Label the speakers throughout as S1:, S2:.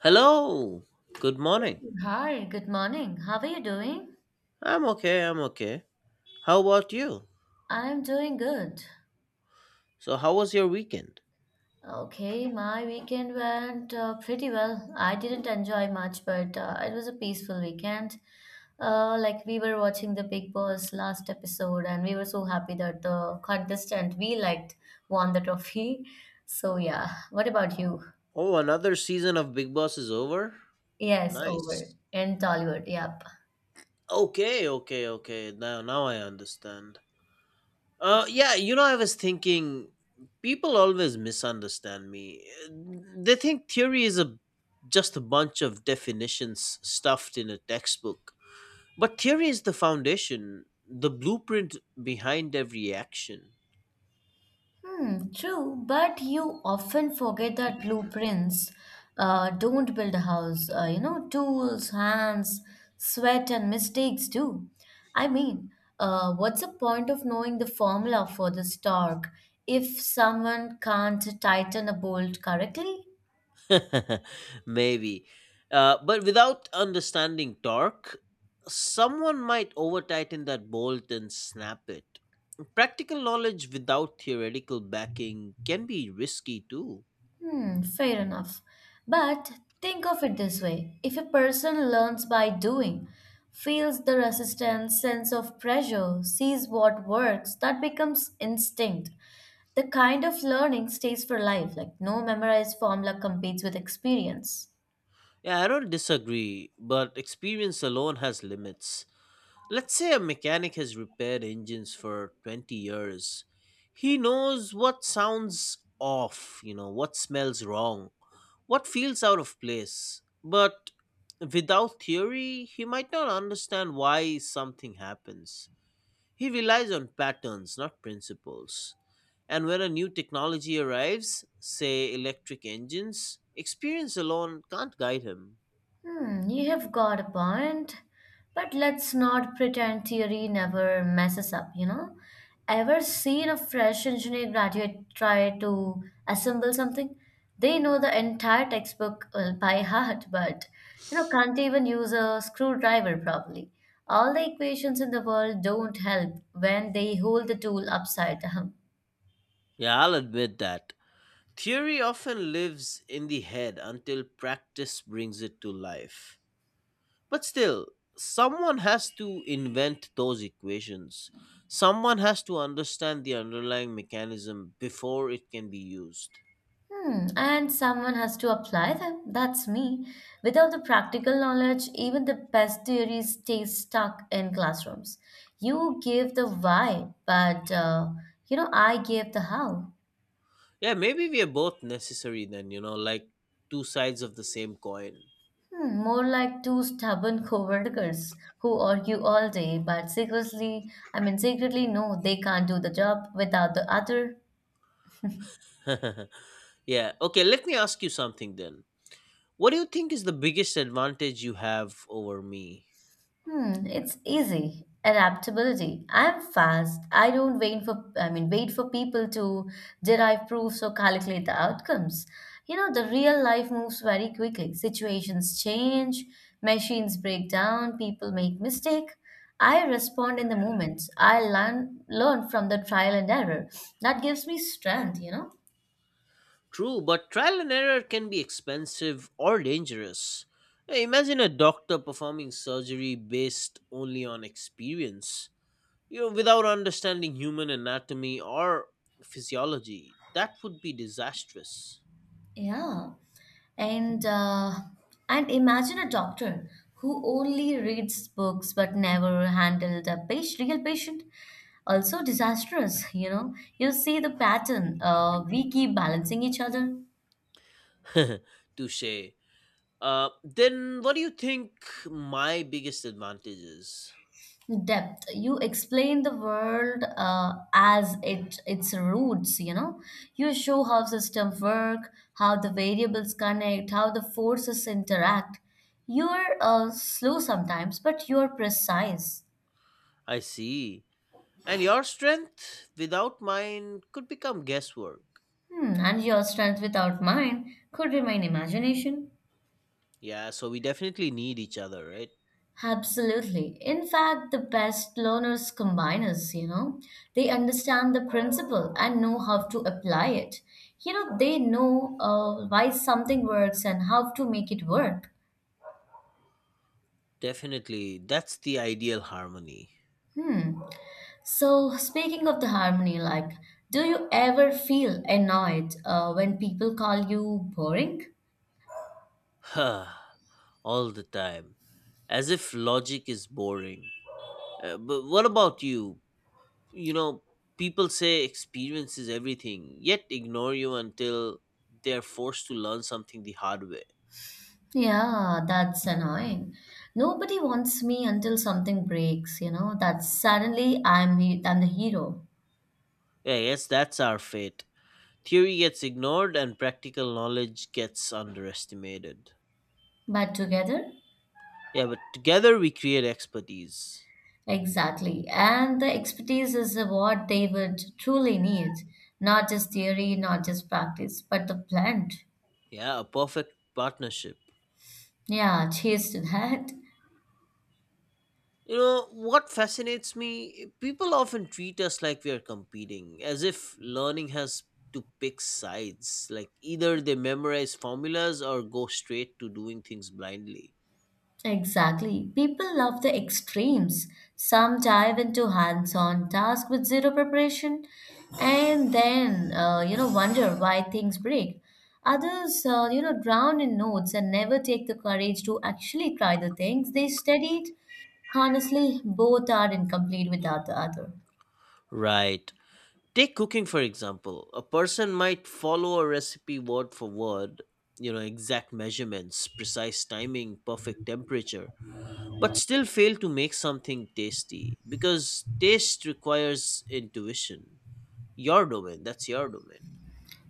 S1: Hello. Good morning.
S2: Hi, good morning. How are you doing?
S1: I'm okay. I'm okay. How about you?
S2: I'm doing good.
S1: So, how was your weekend?
S2: Okay, my weekend went pretty well. I didn't enjoy much, but it was a peaceful weekend. Like we were watching the Big Boss last episode, and we were so happy that the contestant we liked won the trophy. So yeah, what about you?
S1: Oh, another season of Big Boss is over?
S2: Yes, over
S1: Nice.
S2: in Tollywood. Yep.
S1: Okay, okay, okay. Now I understand. Yeah, I was thinking, people always misunderstand me. They think theory is a just a bunch of definitions stuffed in a textbook. But theory is the foundation, the blueprint behind every action.
S2: Hmm, true, but you often forget that blueprints don't build a house. Tools, hands, sweat, and mistakes do. I mean, what's the point of knowing the formula for the torque if someone can't tighten a bolt correctly?
S1: Maybe. But without understanding torque, someone might over tighten that bolt and snap it. Practical knowledge without theoretical backing can be risky too.
S2: Hmm, fair enough. But think of it this way, if a person learns by doing, feels the resistance, sense of pressure, sees what works, that becomes instinct. The kind of learning stays for life, like no memorized formula competes with experience.
S1: Yeah, I don't disagree, but experience alone has limits. Let's say a mechanic has repaired engines for 20 years. He knows what sounds off, you know, what smells wrong. What feels out of place. But without theory, he might not understand why something happens. He relies on patterns, not principles. And when a new technology arrives, say electric engines, experience alone can't guide him.
S2: Hmm, you have got a point. But let's not pretend theory never messes up. Ever seen a fresh engineer graduate try to assemble something? They know the entire textbook by heart, but can't even use a screwdriver properly. All the equations in the world don't help when they hold the tool upside down.
S1: Yeah, I'll admit that. Theory often lives in the head until practice brings it to life. But still, someone has to invent those equations. Someone has to understand the underlying mechanism before it can be used.
S2: Hmm, and someone has to apply them. That's me. Without the practical knowledge, even the best theories stay stuck in classrooms. You gave the why, but I gave the how.
S1: Yeah, maybe we are both necessary then, you know, like two sides of the same coin.
S2: Hmm, more like two stubborn coworkers who argue all day, but secretly, I mean, secretly, no, they can't do the job without the other.
S1: Yeah, okay, let me ask you something then. What do you think is the biggest advantage you have over me?
S2: Hmm, it's easy. Adaptability. I'm fast. I don't wait for I mean wait for people to derive proofs or calculate the outcomes. You know, the real life moves very quickly. Situations change, machines break down, people make mistake. I respond in the moment. I learn from the trial and error. That gives me strength, you know.
S1: True, but trial and error can be expensive or dangerous. Hey, imagine a doctor performing surgery based only on experience, you know, without understanding human anatomy or physiology. That would be disastrous.
S2: Yeah. And imagine a doctor who only reads books but never handled a patient, real patient. Also disastrous, you know. You see the pattern. We keep balancing each other.
S1: Touche. Then what do you think my biggest advantage is?
S2: Depth. You explain the world as it its roots. You know. You show how systems work, how the variables connect, how the forces interact. You're slow sometimes, but you're precise.
S1: I see. And your strength without mine could become guesswork.
S2: Hmm, and your strength without mine could remain imagination.
S1: Yeah, so we definitely need each other, right?
S2: Absolutely. In fact, the best learners combine us, you know. They understand the principle and know how to apply it. You know, they know why something works and how to make it work.
S1: Definitely, that's the ideal harmony.
S2: Hmm. So, speaking of the harmony, like, do you ever feel annoyed when people call you boring?
S1: Huh. All the time, as if logic is boring. But what about you? You know, people say experience is everything, yet ignore you until they're forced to learn something the hard way.
S2: Yeah, that's annoying. Nobody wants me until something breaks, you know, that suddenly I'm the hero.
S1: Yeah, yes, that's our fate. Theory gets ignored and practical knowledge gets underestimated.
S2: But together?
S1: Yeah, but together we create expertise.
S2: Exactly. And the expertise is what they would truly need. Not just theory, not just practice, but the plant.
S1: Yeah, a perfect partnership.
S2: Yeah, cheers to that.
S1: You know, what fascinates me, people often treat us like we are competing, as if learning has to pick sides. Like either they memorize formulas or go straight to doing things blindly.
S2: Exactly. People love the extremes. Some dive into hands-on tasks with zero preparation and then wonder why things break. Others drown in notes and never take the courage to actually try the things they studied. Honestly, both are incomplete without the other.
S1: Right. Take cooking, for example. A person might follow a recipe word for word, you know, exact measurements, precise timing, perfect temperature, but still fail to make something tasty because taste requires intuition. Your domain, that's your domain.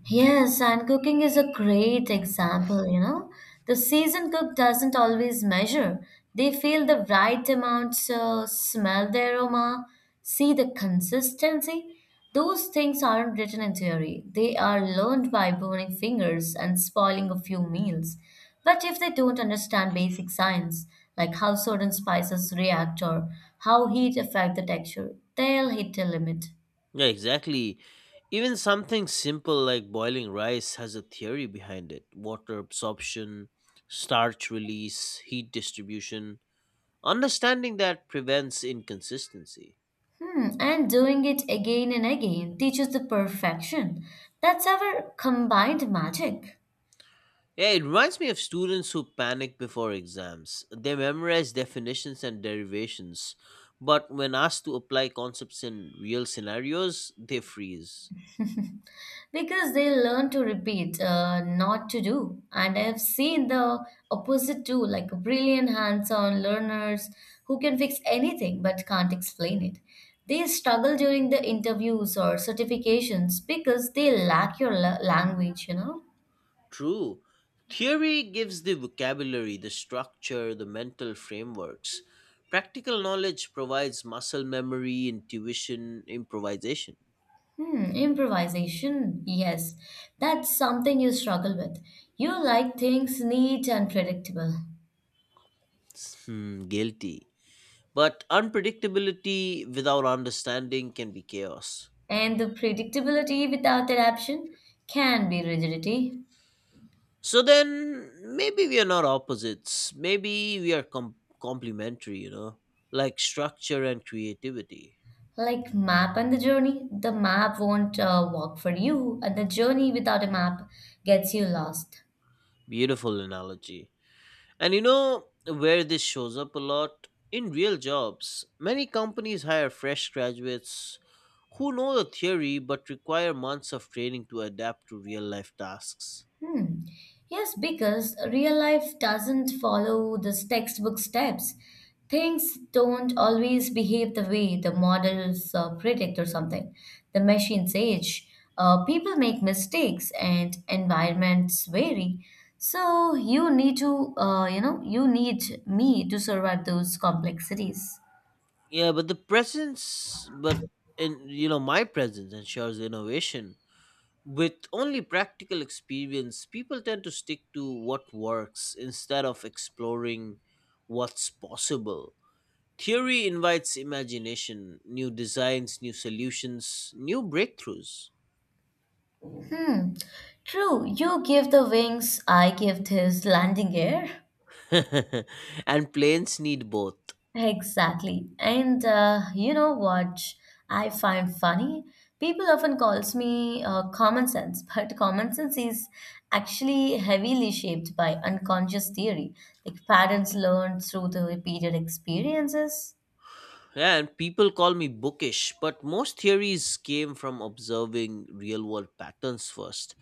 S2: Yes, and cooking is a great example, you know. The seasoned cook doesn't always measure. They feel the right amount, so smell the aroma, see the consistency. Those things aren't written in theory. They are learned by burning fingers and spoiling a few meals. But if they don't understand basic science, like how certain spices react or how heat affect the texture, they'll hit a limit.
S1: Yeah, exactly. Even something simple like boiling rice has a theory behind it. Water absorption, starch release, heat distribution. Understanding that prevents inconsistency.
S2: Hmm, and doing it again and again teaches the perfection. That's our combined magic.
S1: Yeah, it reminds me of students who panic before exams. They memorize definitions and derivations, but when asked to apply concepts in real scenarios, they freeze.
S2: Because they learn to repeat, not to do. And I've seen the opposite too, like brilliant hands on learners who can fix anything but can't explain it. They struggle during the interviews or certifications because they lack your language, you know?
S1: True. Theory gives the vocabulary, the structure, the mental frameworks. Practical knowledge provides muscle memory, intuition, improvisation.
S2: Hmm, improvisation. Yes, that's something you struggle with. You like things neat and predictable.
S1: Hmm, guilty. But unpredictability without understanding can be chaos.
S2: And the predictability without adaptation can be rigidity.
S1: So then, maybe we are not opposites. Maybe we are complementary, you know, like structure and creativity.
S2: Like map and the journey, the map won't work for you, and the journey without a map gets you lost.
S1: Beautiful analogy. And you know where this shows up a lot? In real jobs, many companies hire fresh graduates who know the theory but require months of training to adapt to real life tasks.
S2: Hmm. Yes, because real life doesn't follow this textbook steps. Things don't always behave the way the models predict or something. The machines age, people make mistakes, and environments vary. So you need to, you need me to survive those complexities.
S1: Yeah, but the presence, but and you know, my presence ensures innovation. With only practical experience, people tend to stick to what works instead of exploring what's possible. Theory invites imagination, new designs, new solutions, new breakthroughs.
S2: Hmm. True, you give the wings, I give this landing gear.
S1: And planes need both.
S2: Exactly. And you know what I find funny? People often calls me common sense, but common sense is actually heavily shaped by unconscious theory, like patterns learned through the repeated experiences.
S1: Yeah, and people call me bookish, but most theories came from observing real world patterns first.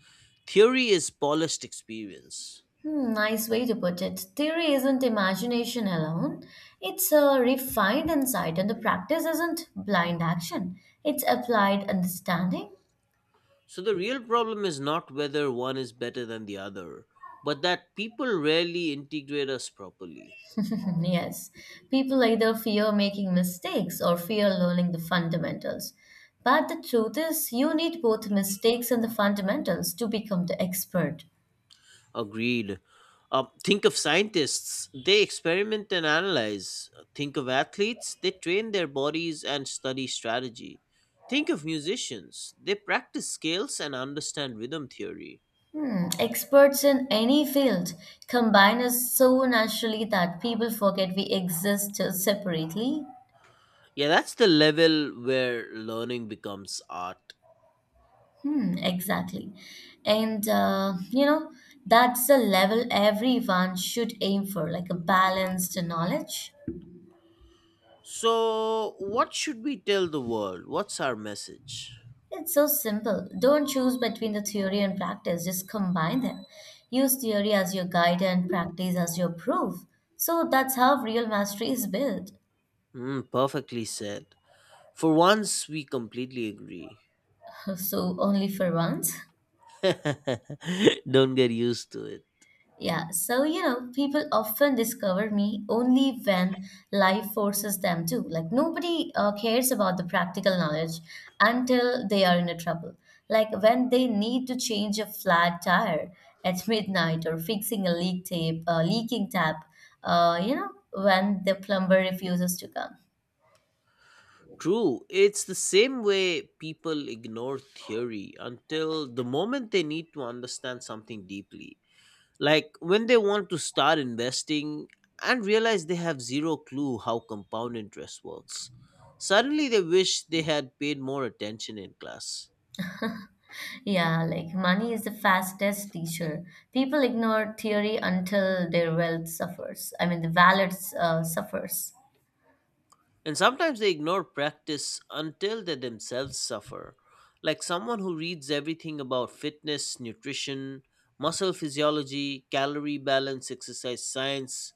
S1: Theory is polished experience.
S2: Hmm, nice way to put it. Theory isn't imagination alone. It's a refined insight, and the practice isn't blind action. It's applied understanding.
S1: So the real problem is not whether one is better than the other, but that people rarely integrate us properly.
S2: Yes, people either fear making mistakes or fear learning the fundamentals. But the truth is, you need both mistakes and the fundamentals to become the expert.
S1: Agreed. Think of scientists. They experiment and analyze. Think of athletes. They train their bodies and study strategy. Think of musicians. They practice scales and understand rhythm theory.
S2: Hmm, experts in any field combine us so naturally that people forget we exist separately.
S1: Yeah, that's the level where learning becomes art.
S2: Hmm, exactly. And, that's the level everyone should aim for, like a balanced knowledge.
S1: So, what should we tell the world? What's our message?
S2: It's so simple. Don't choose between the theory and practice, just combine them. Use theory as your guide and practice as your proof. So that's how real mastery is built.
S1: Mm, perfectly said. For once, we completely agree.
S2: So, only for once?
S1: Don't get used to it.
S2: Yeah, so you know, people often discover me only when life forces them to. Like, nobody cares about the practical knowledge until they are in a trouble. Like, when they need to change a flat tire at midnight or fixing a leaking tap, when the plumber refuses to come.
S1: True, it's the same way people ignore theory until the moment they need to understand something deeply. Like when they want to start investing and realize they have zero clue how compound interest works. Suddenly they wish they had paid more attention in class.
S2: Yeah, like money is the fastest teacher. People ignore theory until their wealth suffers. I mean, the wallet suffers.
S1: And sometimes they ignore practice until they themselves suffer. Like someone who reads everything about fitness, nutrition, muscle physiology, calorie balance, exercise science,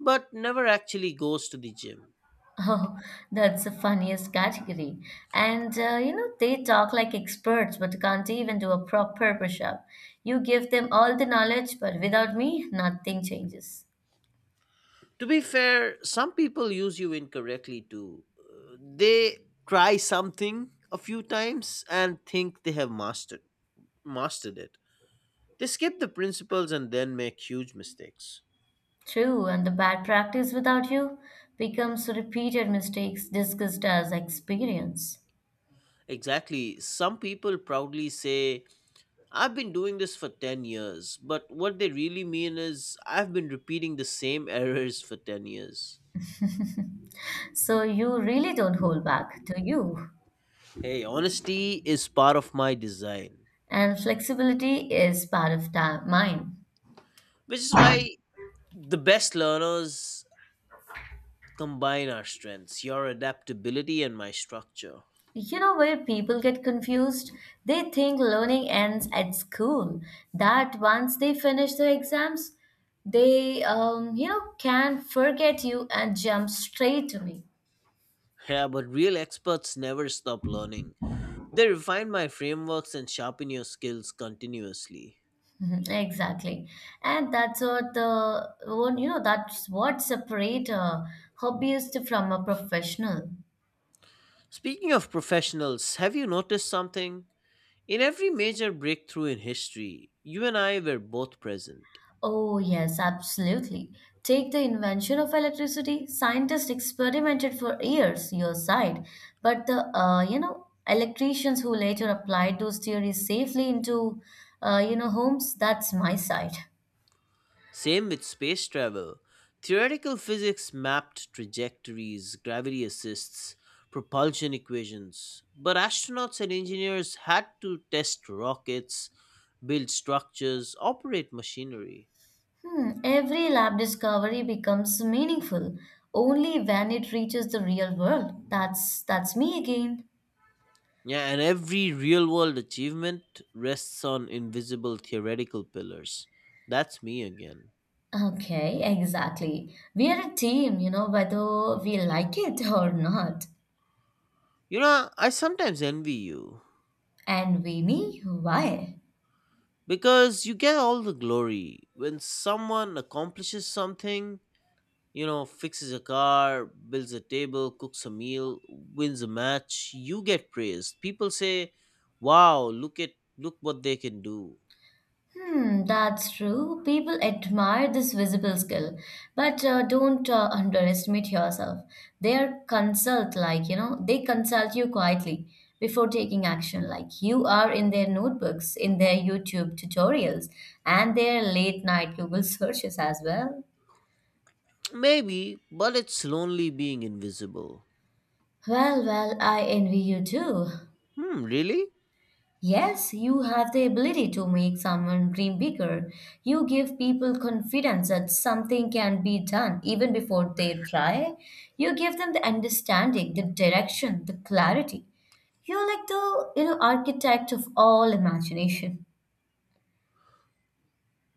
S1: but never actually goes to the gym.
S2: Oh, that's the funniest category. And they talk like experts but can't even do a proper push up. You give them all the knowledge, but without me, nothing changes.
S1: To be fair, some people use you incorrectly too. They try something a few times and think they have mastered it. They skip the principles and then make huge mistakes.
S2: True, and the bad practice without you becomes repeated mistakes discussed as experience.
S1: Exactly. Some people proudly say, I've been doing this for 10 years, but what they really mean is, I've been repeating the same errors for 10 years.
S2: So you really don't hold back, do you?
S1: Hey, honesty is part of my design,
S2: And flexibility is part of mine.
S1: which is why the best learners combine our strengths, your adaptability and my structure.
S2: You know where people get confused? They think learning ends at school. That once they finish the exams, they can forget you and jump straight to me.
S1: Yeah, but real experts never stop learning. They refine my frameworks and sharpen your skills continuously.
S2: Mhm, exactly. And that's what the one you know that's what separate a hobbyist from a professional.
S1: Speaking of professionals, have you noticed something? In every major breakthrough in history, you and I were both present.
S2: Oh, yes, absolutely. Take the invention of electricity. Scientists experimented for years, your side, but the electricians who later applied those theories safely into homes. That's my side.
S1: Same with space travel. Theoretical physics mapped trajectories, gravity assists, propulsion equations, but astronauts and engineers had to test rockets, build structures, operate machinery.
S2: Hmm, every lab discovery becomes meaningful only when it reaches the real world. That's me again.
S1: Yeah, and every real world achievement rests on invisible theoretical pillars. That's me again.
S2: Okay, exactly. We are a team, you know, whether we like it or not.
S1: You know, I sometimes envy you
S2: And we me, why?
S1: because you get all the glory when someone accomplishes something, you know, fixes a car, builds a table, cooks a meal, wins a match, you get praised. People say, "Wow, look at look what they can do."
S2: Hmm, that's true. People admire this visible skill, but don't underestimate yourself. They are consult, like, you know, they consult you quietly before taking action. Like, you are in their notebooks, in their YouTube tutorials, and their late night Google searches as well.
S1: Maybe, but it's lonely being invisible.
S2: Well, well, I envy you too.
S1: Hmm, really?
S2: Yes, you have the ability to make someone dream bigger. You give people confidence that something can be done even before they try. You give them the understanding, the direction, the clarity. You're like the architect of all imagination.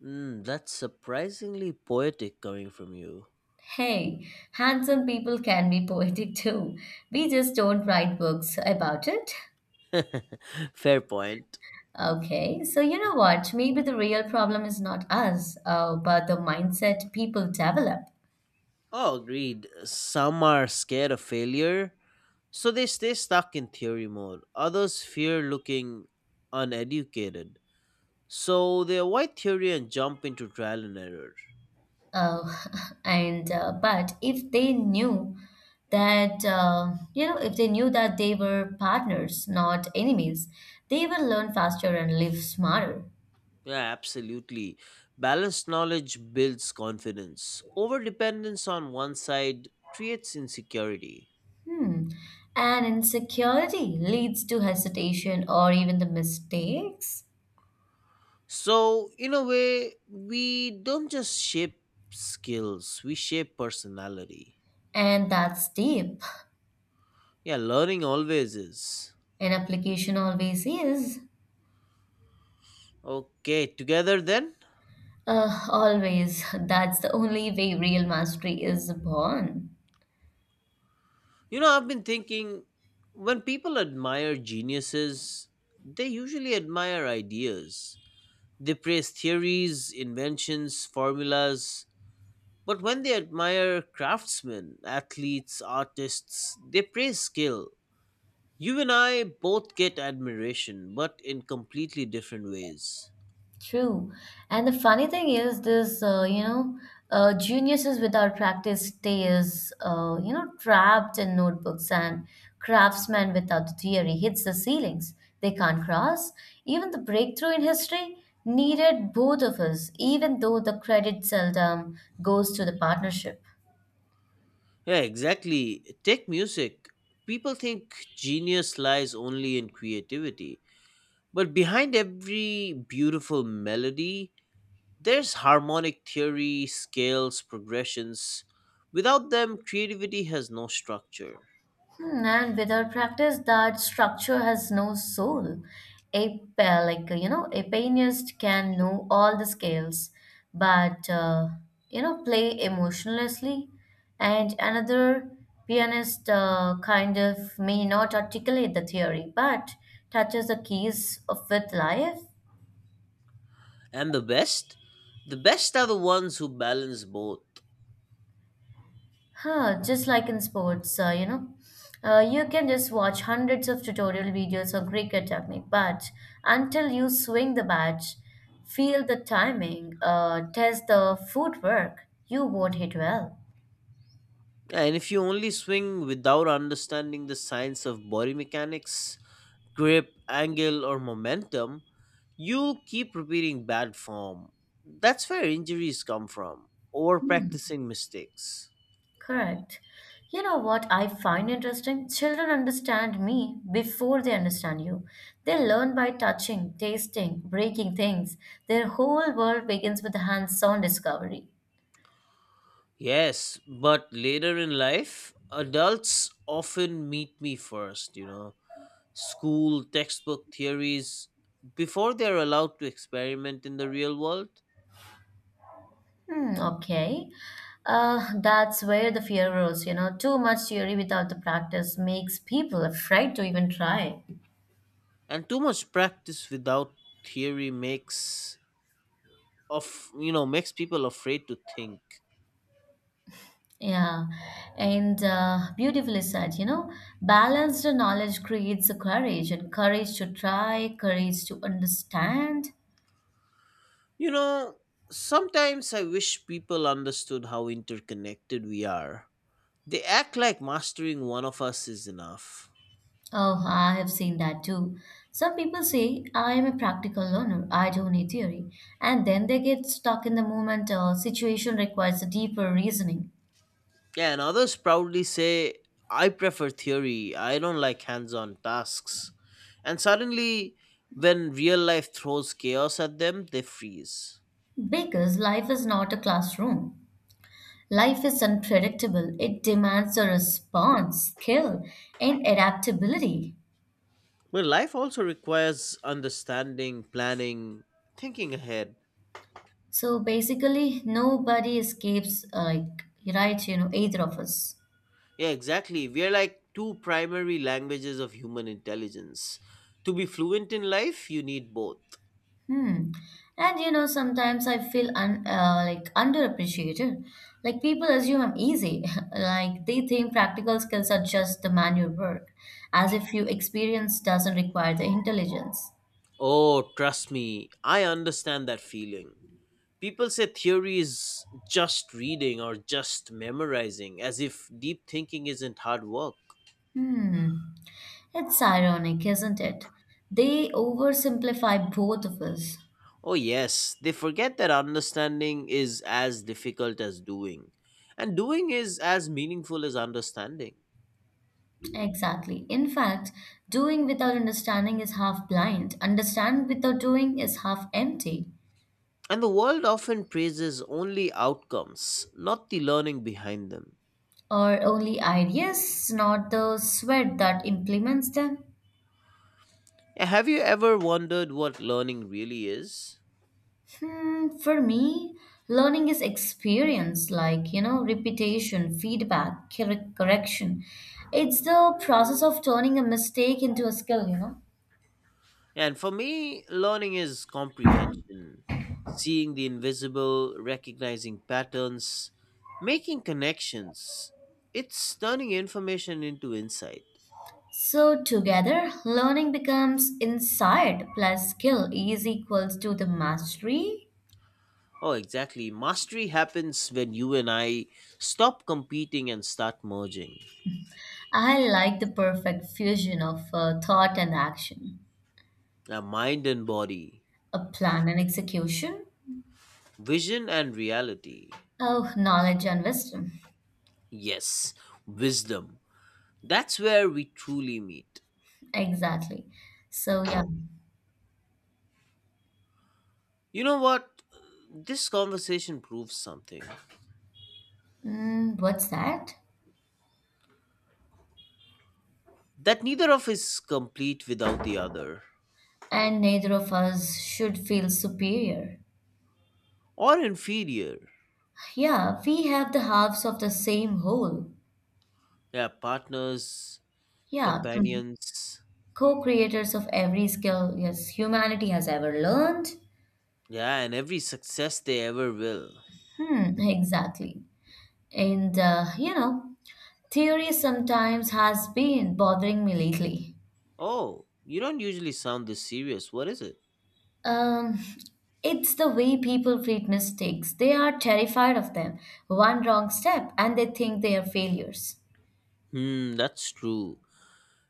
S1: Hmm, that's surprisingly poetic coming from you.
S2: Hey, handsome people can be poetic too. We just don't write books about it.
S1: Fair point.
S2: Okay, so you know what? Maybe the real problem is not us, but the mindset people develop.
S1: Oh, agreed. Some are scared of failure, so they stay stuck in theory mode. Others fear looking uneducated. So they avoid theory and jump into trial and error.
S2: Uh, and but if they knew that you know if they knew that they were partners, not enemies, they will learn faster and live smarter.
S1: Yeah, absolutely. Balanced knowledge builds confidence. Overdependence on one side creates insecurity.
S2: Hmm. And insecurity leads to hesitation or even the mistakes,
S1: So, in a way, we don't just shape skills, we shape personality.
S2: and that's deep.
S1: Yeah, learning always is.
S2: An application always is.
S1: Okay, together then?
S2: Always. That's the only way real mastery is born.
S1: You know, I've been thinking, when people admire geniuses, they usually admire ideas. They praise theories, inventions, formulas, but when they admire craftsmen, athletes, artists, they praise skill. You and I both get admiration, but in completely different ways.
S2: True. And the funny thing is this, geniuses without practice stays, trapped in notebooks and craftsmen without theory hits the ceilings they can't cross. Even the breakthrough in history needed both of us, even though the credit seldom goes to the partnership.
S1: Yeah, exactly. Take music. People think genius lies only in creativity, but behind every beautiful melody, there's harmonic theory, scales, progressions. Without them, creativity has no structure.
S2: Hmm, and without practice, that structure has no soul. A pa- like you know, a pianist can know all the scales, but play emotionlessly, and another pianist kind of may not articulate the theory, but touches the keys of with life.
S1: And the best? The best are the ones who balance both.
S2: Huh, just like in sports, you can just watch hundreds of tutorial videos on cricket technique, but until you swing the bat, feel the timing, test the footwork, you won't hit well.
S1: And if you only swing without understanding the science of body mechanics, grip, angle, or momentum, you'll keep repeating bad form. That's where injuries come from, or practicing mistakes.
S2: Correct. You know what I find interesting? Children understand me before they understand you. They learn by touching, tasting, breaking things. Their whole world begins with hands on discovery.
S1: Yes, but later in life, adults often meet me first, you know, school, textbook theories, before they're allowed to experiment in the real world.
S2: Hmm, okay. That's where the fear grows, you know. Too much theory without the practice makes people afraid to even try.
S1: And too much practice without theory makes of you know makes people afraid to think.
S2: Yeah, and beautifully said, you know. Balanced knowledge creates the courage, and courage to try, courage to understand.
S1: You know, sometimes I wish people understood how interconnected we are. They act like mastering one of us is enough.
S2: Oh, I have seen that too. Some people say, I am a practical learner, I don't need theory. And then they get stuck in the moment, or situation requires a deeper reasoning.
S1: Yeah, and others proudly say, I prefer theory, I don't like hands-on tasks, and suddenly when real life throws chaos at them they freeze.
S2: Because life is not a classroom. Life is unpredictable. It demands a response, skill, and adaptability.
S1: Well, life also requires understanding, planning, thinking ahead.
S2: So basically, nobody escapes, like, right, you know, either of us.
S1: Yeah, exactly. We are like two primary languages of human intelligence. To be fluent in life, you need both.
S2: Hmm. And you know, sometimes I feel like underappreciated. Like people assume I'm easy. Like they think practical skills are just the manual work, as if your experience doesn't require the intelligence.
S1: Oh, trust me, I understand that feeling. People say theory is just reading or just memorizing, as if deep thinking isn't hard work.
S2: Hmm. It's ironic, isn't it? They oversimplify both of us.
S1: Oh, yes, they forget that understanding is as difficult as doing, and doing is as meaningful as understanding.
S2: Exactly. In fact, doing without understanding is half blind. Understand without doing is half empty.
S1: And the world often praises only outcomes, not the learning behind them.
S2: Or only ideas, not the sweat that implements them.
S1: Have you ever wondered what learning really is?
S2: Hmm, for me, learning is experience, like, you know, repetition, feedback, correction. It's the process of turning a mistake into a skill, you know?
S1: And for me, learning is comprehension, seeing the invisible, recognizing patterns, making connections. It's turning information into insight.
S2: So together, learning becomes insight plus skill is equals to the mastery.
S1: Oh, exactly. Mastery happens when you and I stop competing and start merging.
S2: I like the perfect fusion of thought and action,
S1: Our mind and body,
S2: a plan and execution.
S1: vision and reality.
S2: Oh, knowledge and wisdom.
S1: Yes, wisdom. That's where we truly meet.
S2: Exactly. So yeah,
S1: You know what? This conversation proves something,
S2: mm, what's that?
S1: that neither of us is complete without the other
S2: And neither of us should feel superior.
S1: or inferior.
S2: Yeah, we have the halves of the same whole.
S1: Yeah, partners,
S2: Yeah,
S1: companions,
S2: co-creators of every skill, yes, humanity has ever learned.
S1: yeah, and every success they ever will.
S2: Hmm, exactly. And you know, theory sometimes has been bothering me lately.
S1: Oh, you don't usually sound this serious. What is it?
S2: Um, it's the way people treat mistakes. They are terrified of them. One wrong step and they think they are failures.
S1: Hmm, that's true.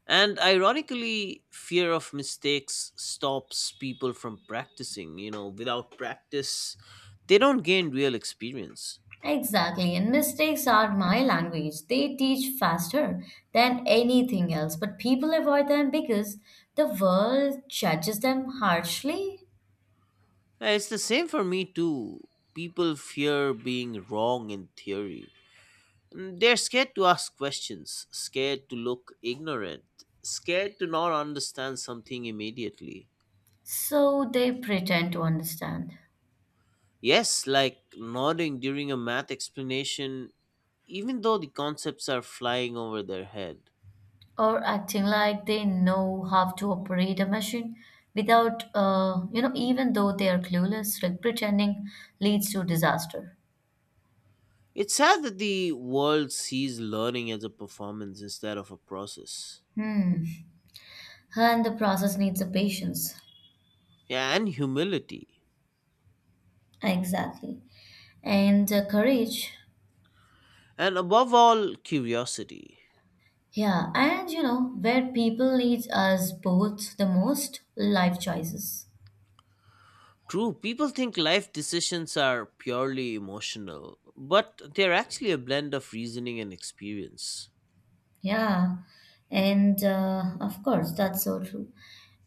S1: And ironically, fear of mistakes stops people from practicing. You know, without practice, they don't gain real experience.
S2: Exactly. And mistakes are my language. They teach faster than anything else, but people avoid them because the world judges them harshly,
S1: It's the same for me, too. People fear being wrong in theory. Mm, they're scared to ask questions, scared to look ignorant, scared to not understand something immediately.
S2: so they pretend to understand.
S1: Yes, like nodding during a math explanation, even though the concepts are flying over their head.
S2: Or acting like they know how to operate a machine without you know, even though they are clueless, like pretending leads to disaster.
S1: It's sad that the world sees learning as a performance instead of a process.
S2: Hmm. And the process needs a patience.
S1: Yeah, and humility.
S2: Exactly. And courage.
S1: And above all, curiosity.
S2: Yeah, and you know where people need us both the most? Life choices.
S1: True, people think life decisions are purely emotional, but they're actually a blend of reasoning and experience.
S2: Yeah, and of course, that's so true.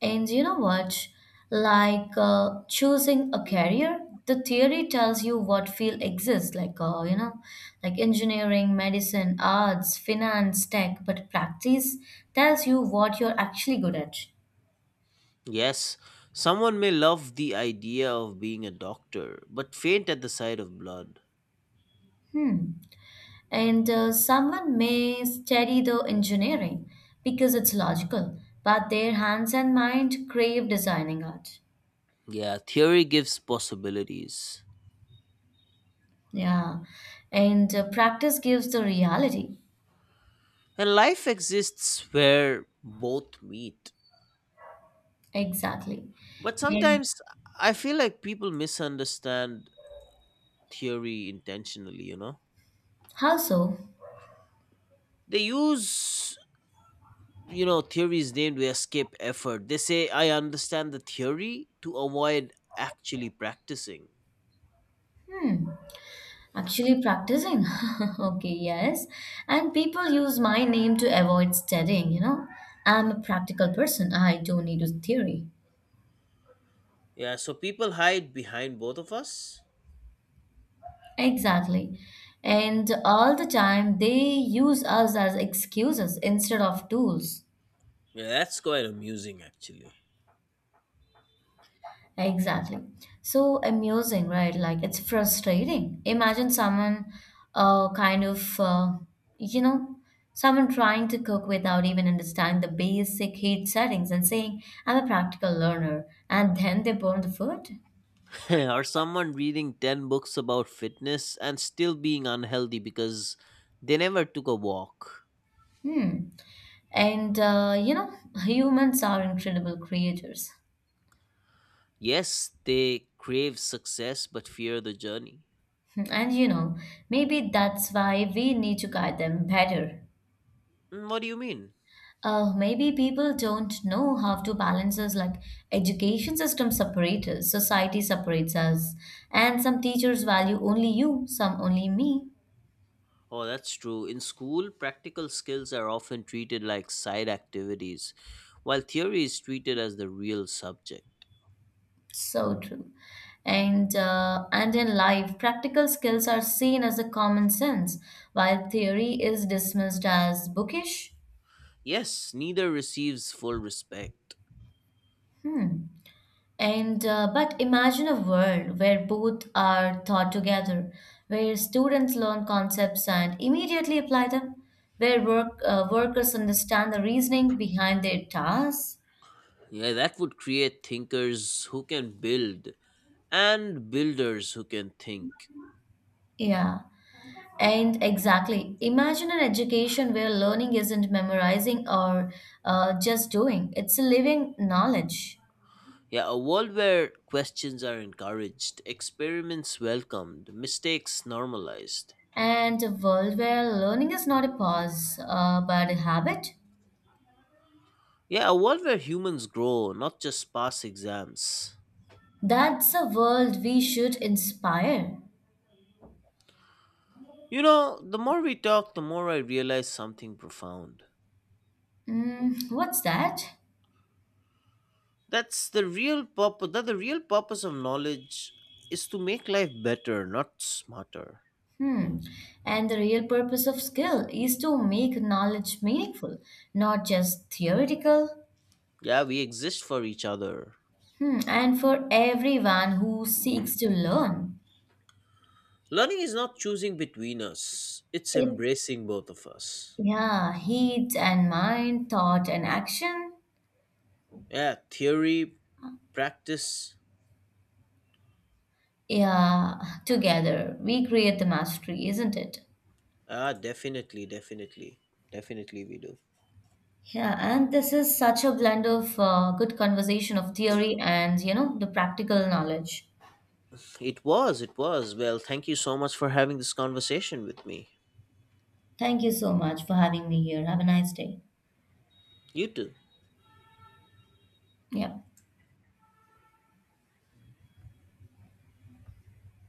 S2: And you know what? Like choosing a career, the theory tells you what field exists, like you know, like engineering, medicine, arts, finance, tech, but practice tells you what you're actually good at.
S1: Yes, someone may love the idea of being a doctor, but faint at the sight of blood.
S2: Hmm. And someone may study the engineering because it's logical, but their hands and mind crave designing art.
S1: Yeah, theory gives possibilities.
S2: Yeah, and practice gives the reality.
S1: And life exists where both meet.
S2: Exactly.
S1: But
S2: And
S1: sometimes I feel like people misunderstand theory intentionally, you know?
S2: how so?
S1: They use, you know, theories named to escape effort. They say, I understand the theory to avoid actually practicing.
S2: Hmm. Actually, practicing. Okay, yes. And people use my name to avoid studying, you know. I'm a practical person. I don't need a theory.
S1: Yeah, so people hide behind both of us.
S2: Exactly. And all the time, they use us as excuses instead of tools.
S1: Yeah, that's quite amusing actually.
S2: Exactly. So amusing, right? Like it's frustrating. Imagine someone, uh, kind of, uh, you know, someone trying to cook without even understanding the basic heat settings and saying, I'm a practical learner, and then they burn the food.
S1: Or someone reading 10 books about fitness and still being unhealthy because they never took a walk.
S2: Hmm. And, you know, humans are incredible creators.
S1: Yes, they crave success but fear the journey.
S2: And, you know, maybe that's why we need to guide them better.
S1: Mm, what do you mean?
S2: Maybe people don't know how to balance us, like education system separates us, society separates us, and some teachers value only you, some only me.
S1: Oh, that's true. In school, practical skills are often treated like side activities, while theory is treated as the real subject.
S2: So true. And in life, practical skills are seen as a common sense, while theory is dismissed as bookish.
S1: Yes, neither receives full respect.
S2: Hmm. And but imagine a world where both are taught together, where students learn concepts and immediately apply them, where workers understand the reasoning behind their tasks.
S1: Yeah, that would create thinkers who can build and builders who can think.
S2: Yeah, and exactly. Imagine an education where learning isn't memorizing or just doing; it's a living knowledge,
S1: Yeah, a world where questions are encouraged, experiments welcomed, mistakes normalized.
S2: and a world where learning is not a pause but a habit.
S1: Yeah, a world where humans grow, not just pass exams.
S2: That's a world we should inspire.
S1: You know, the more we talk, the more I realize something profound.
S2: Mm, what's that?
S1: That's the real purpose, that the real purpose of knowledge is to make life better, not smarter.
S2: Hmm. And the real purpose of skill is to make knowledge meaningful, not just theoretical.
S1: Yeah, we exist for each other.
S2: Hmm. And for everyone who seeks to learn,
S1: Learning is not choosing between us, it's
S2: it's
S1: embracing both of us.
S2: yeah, heat and mind, thought and action.
S1: Yeah, theory, practice.
S2: Yeah, together we create the mastery, isn't it?
S1: Ah, definitely, definitely. Definitely we do.
S2: Yeah, and this is such a blend of good conversation of theory and you know the practical knowledge.
S1: It was, it was. Well, thank you so much for having this conversation with me.
S2: Thank you so much for having me here. Have a nice day.
S1: You too.
S2: Yeah.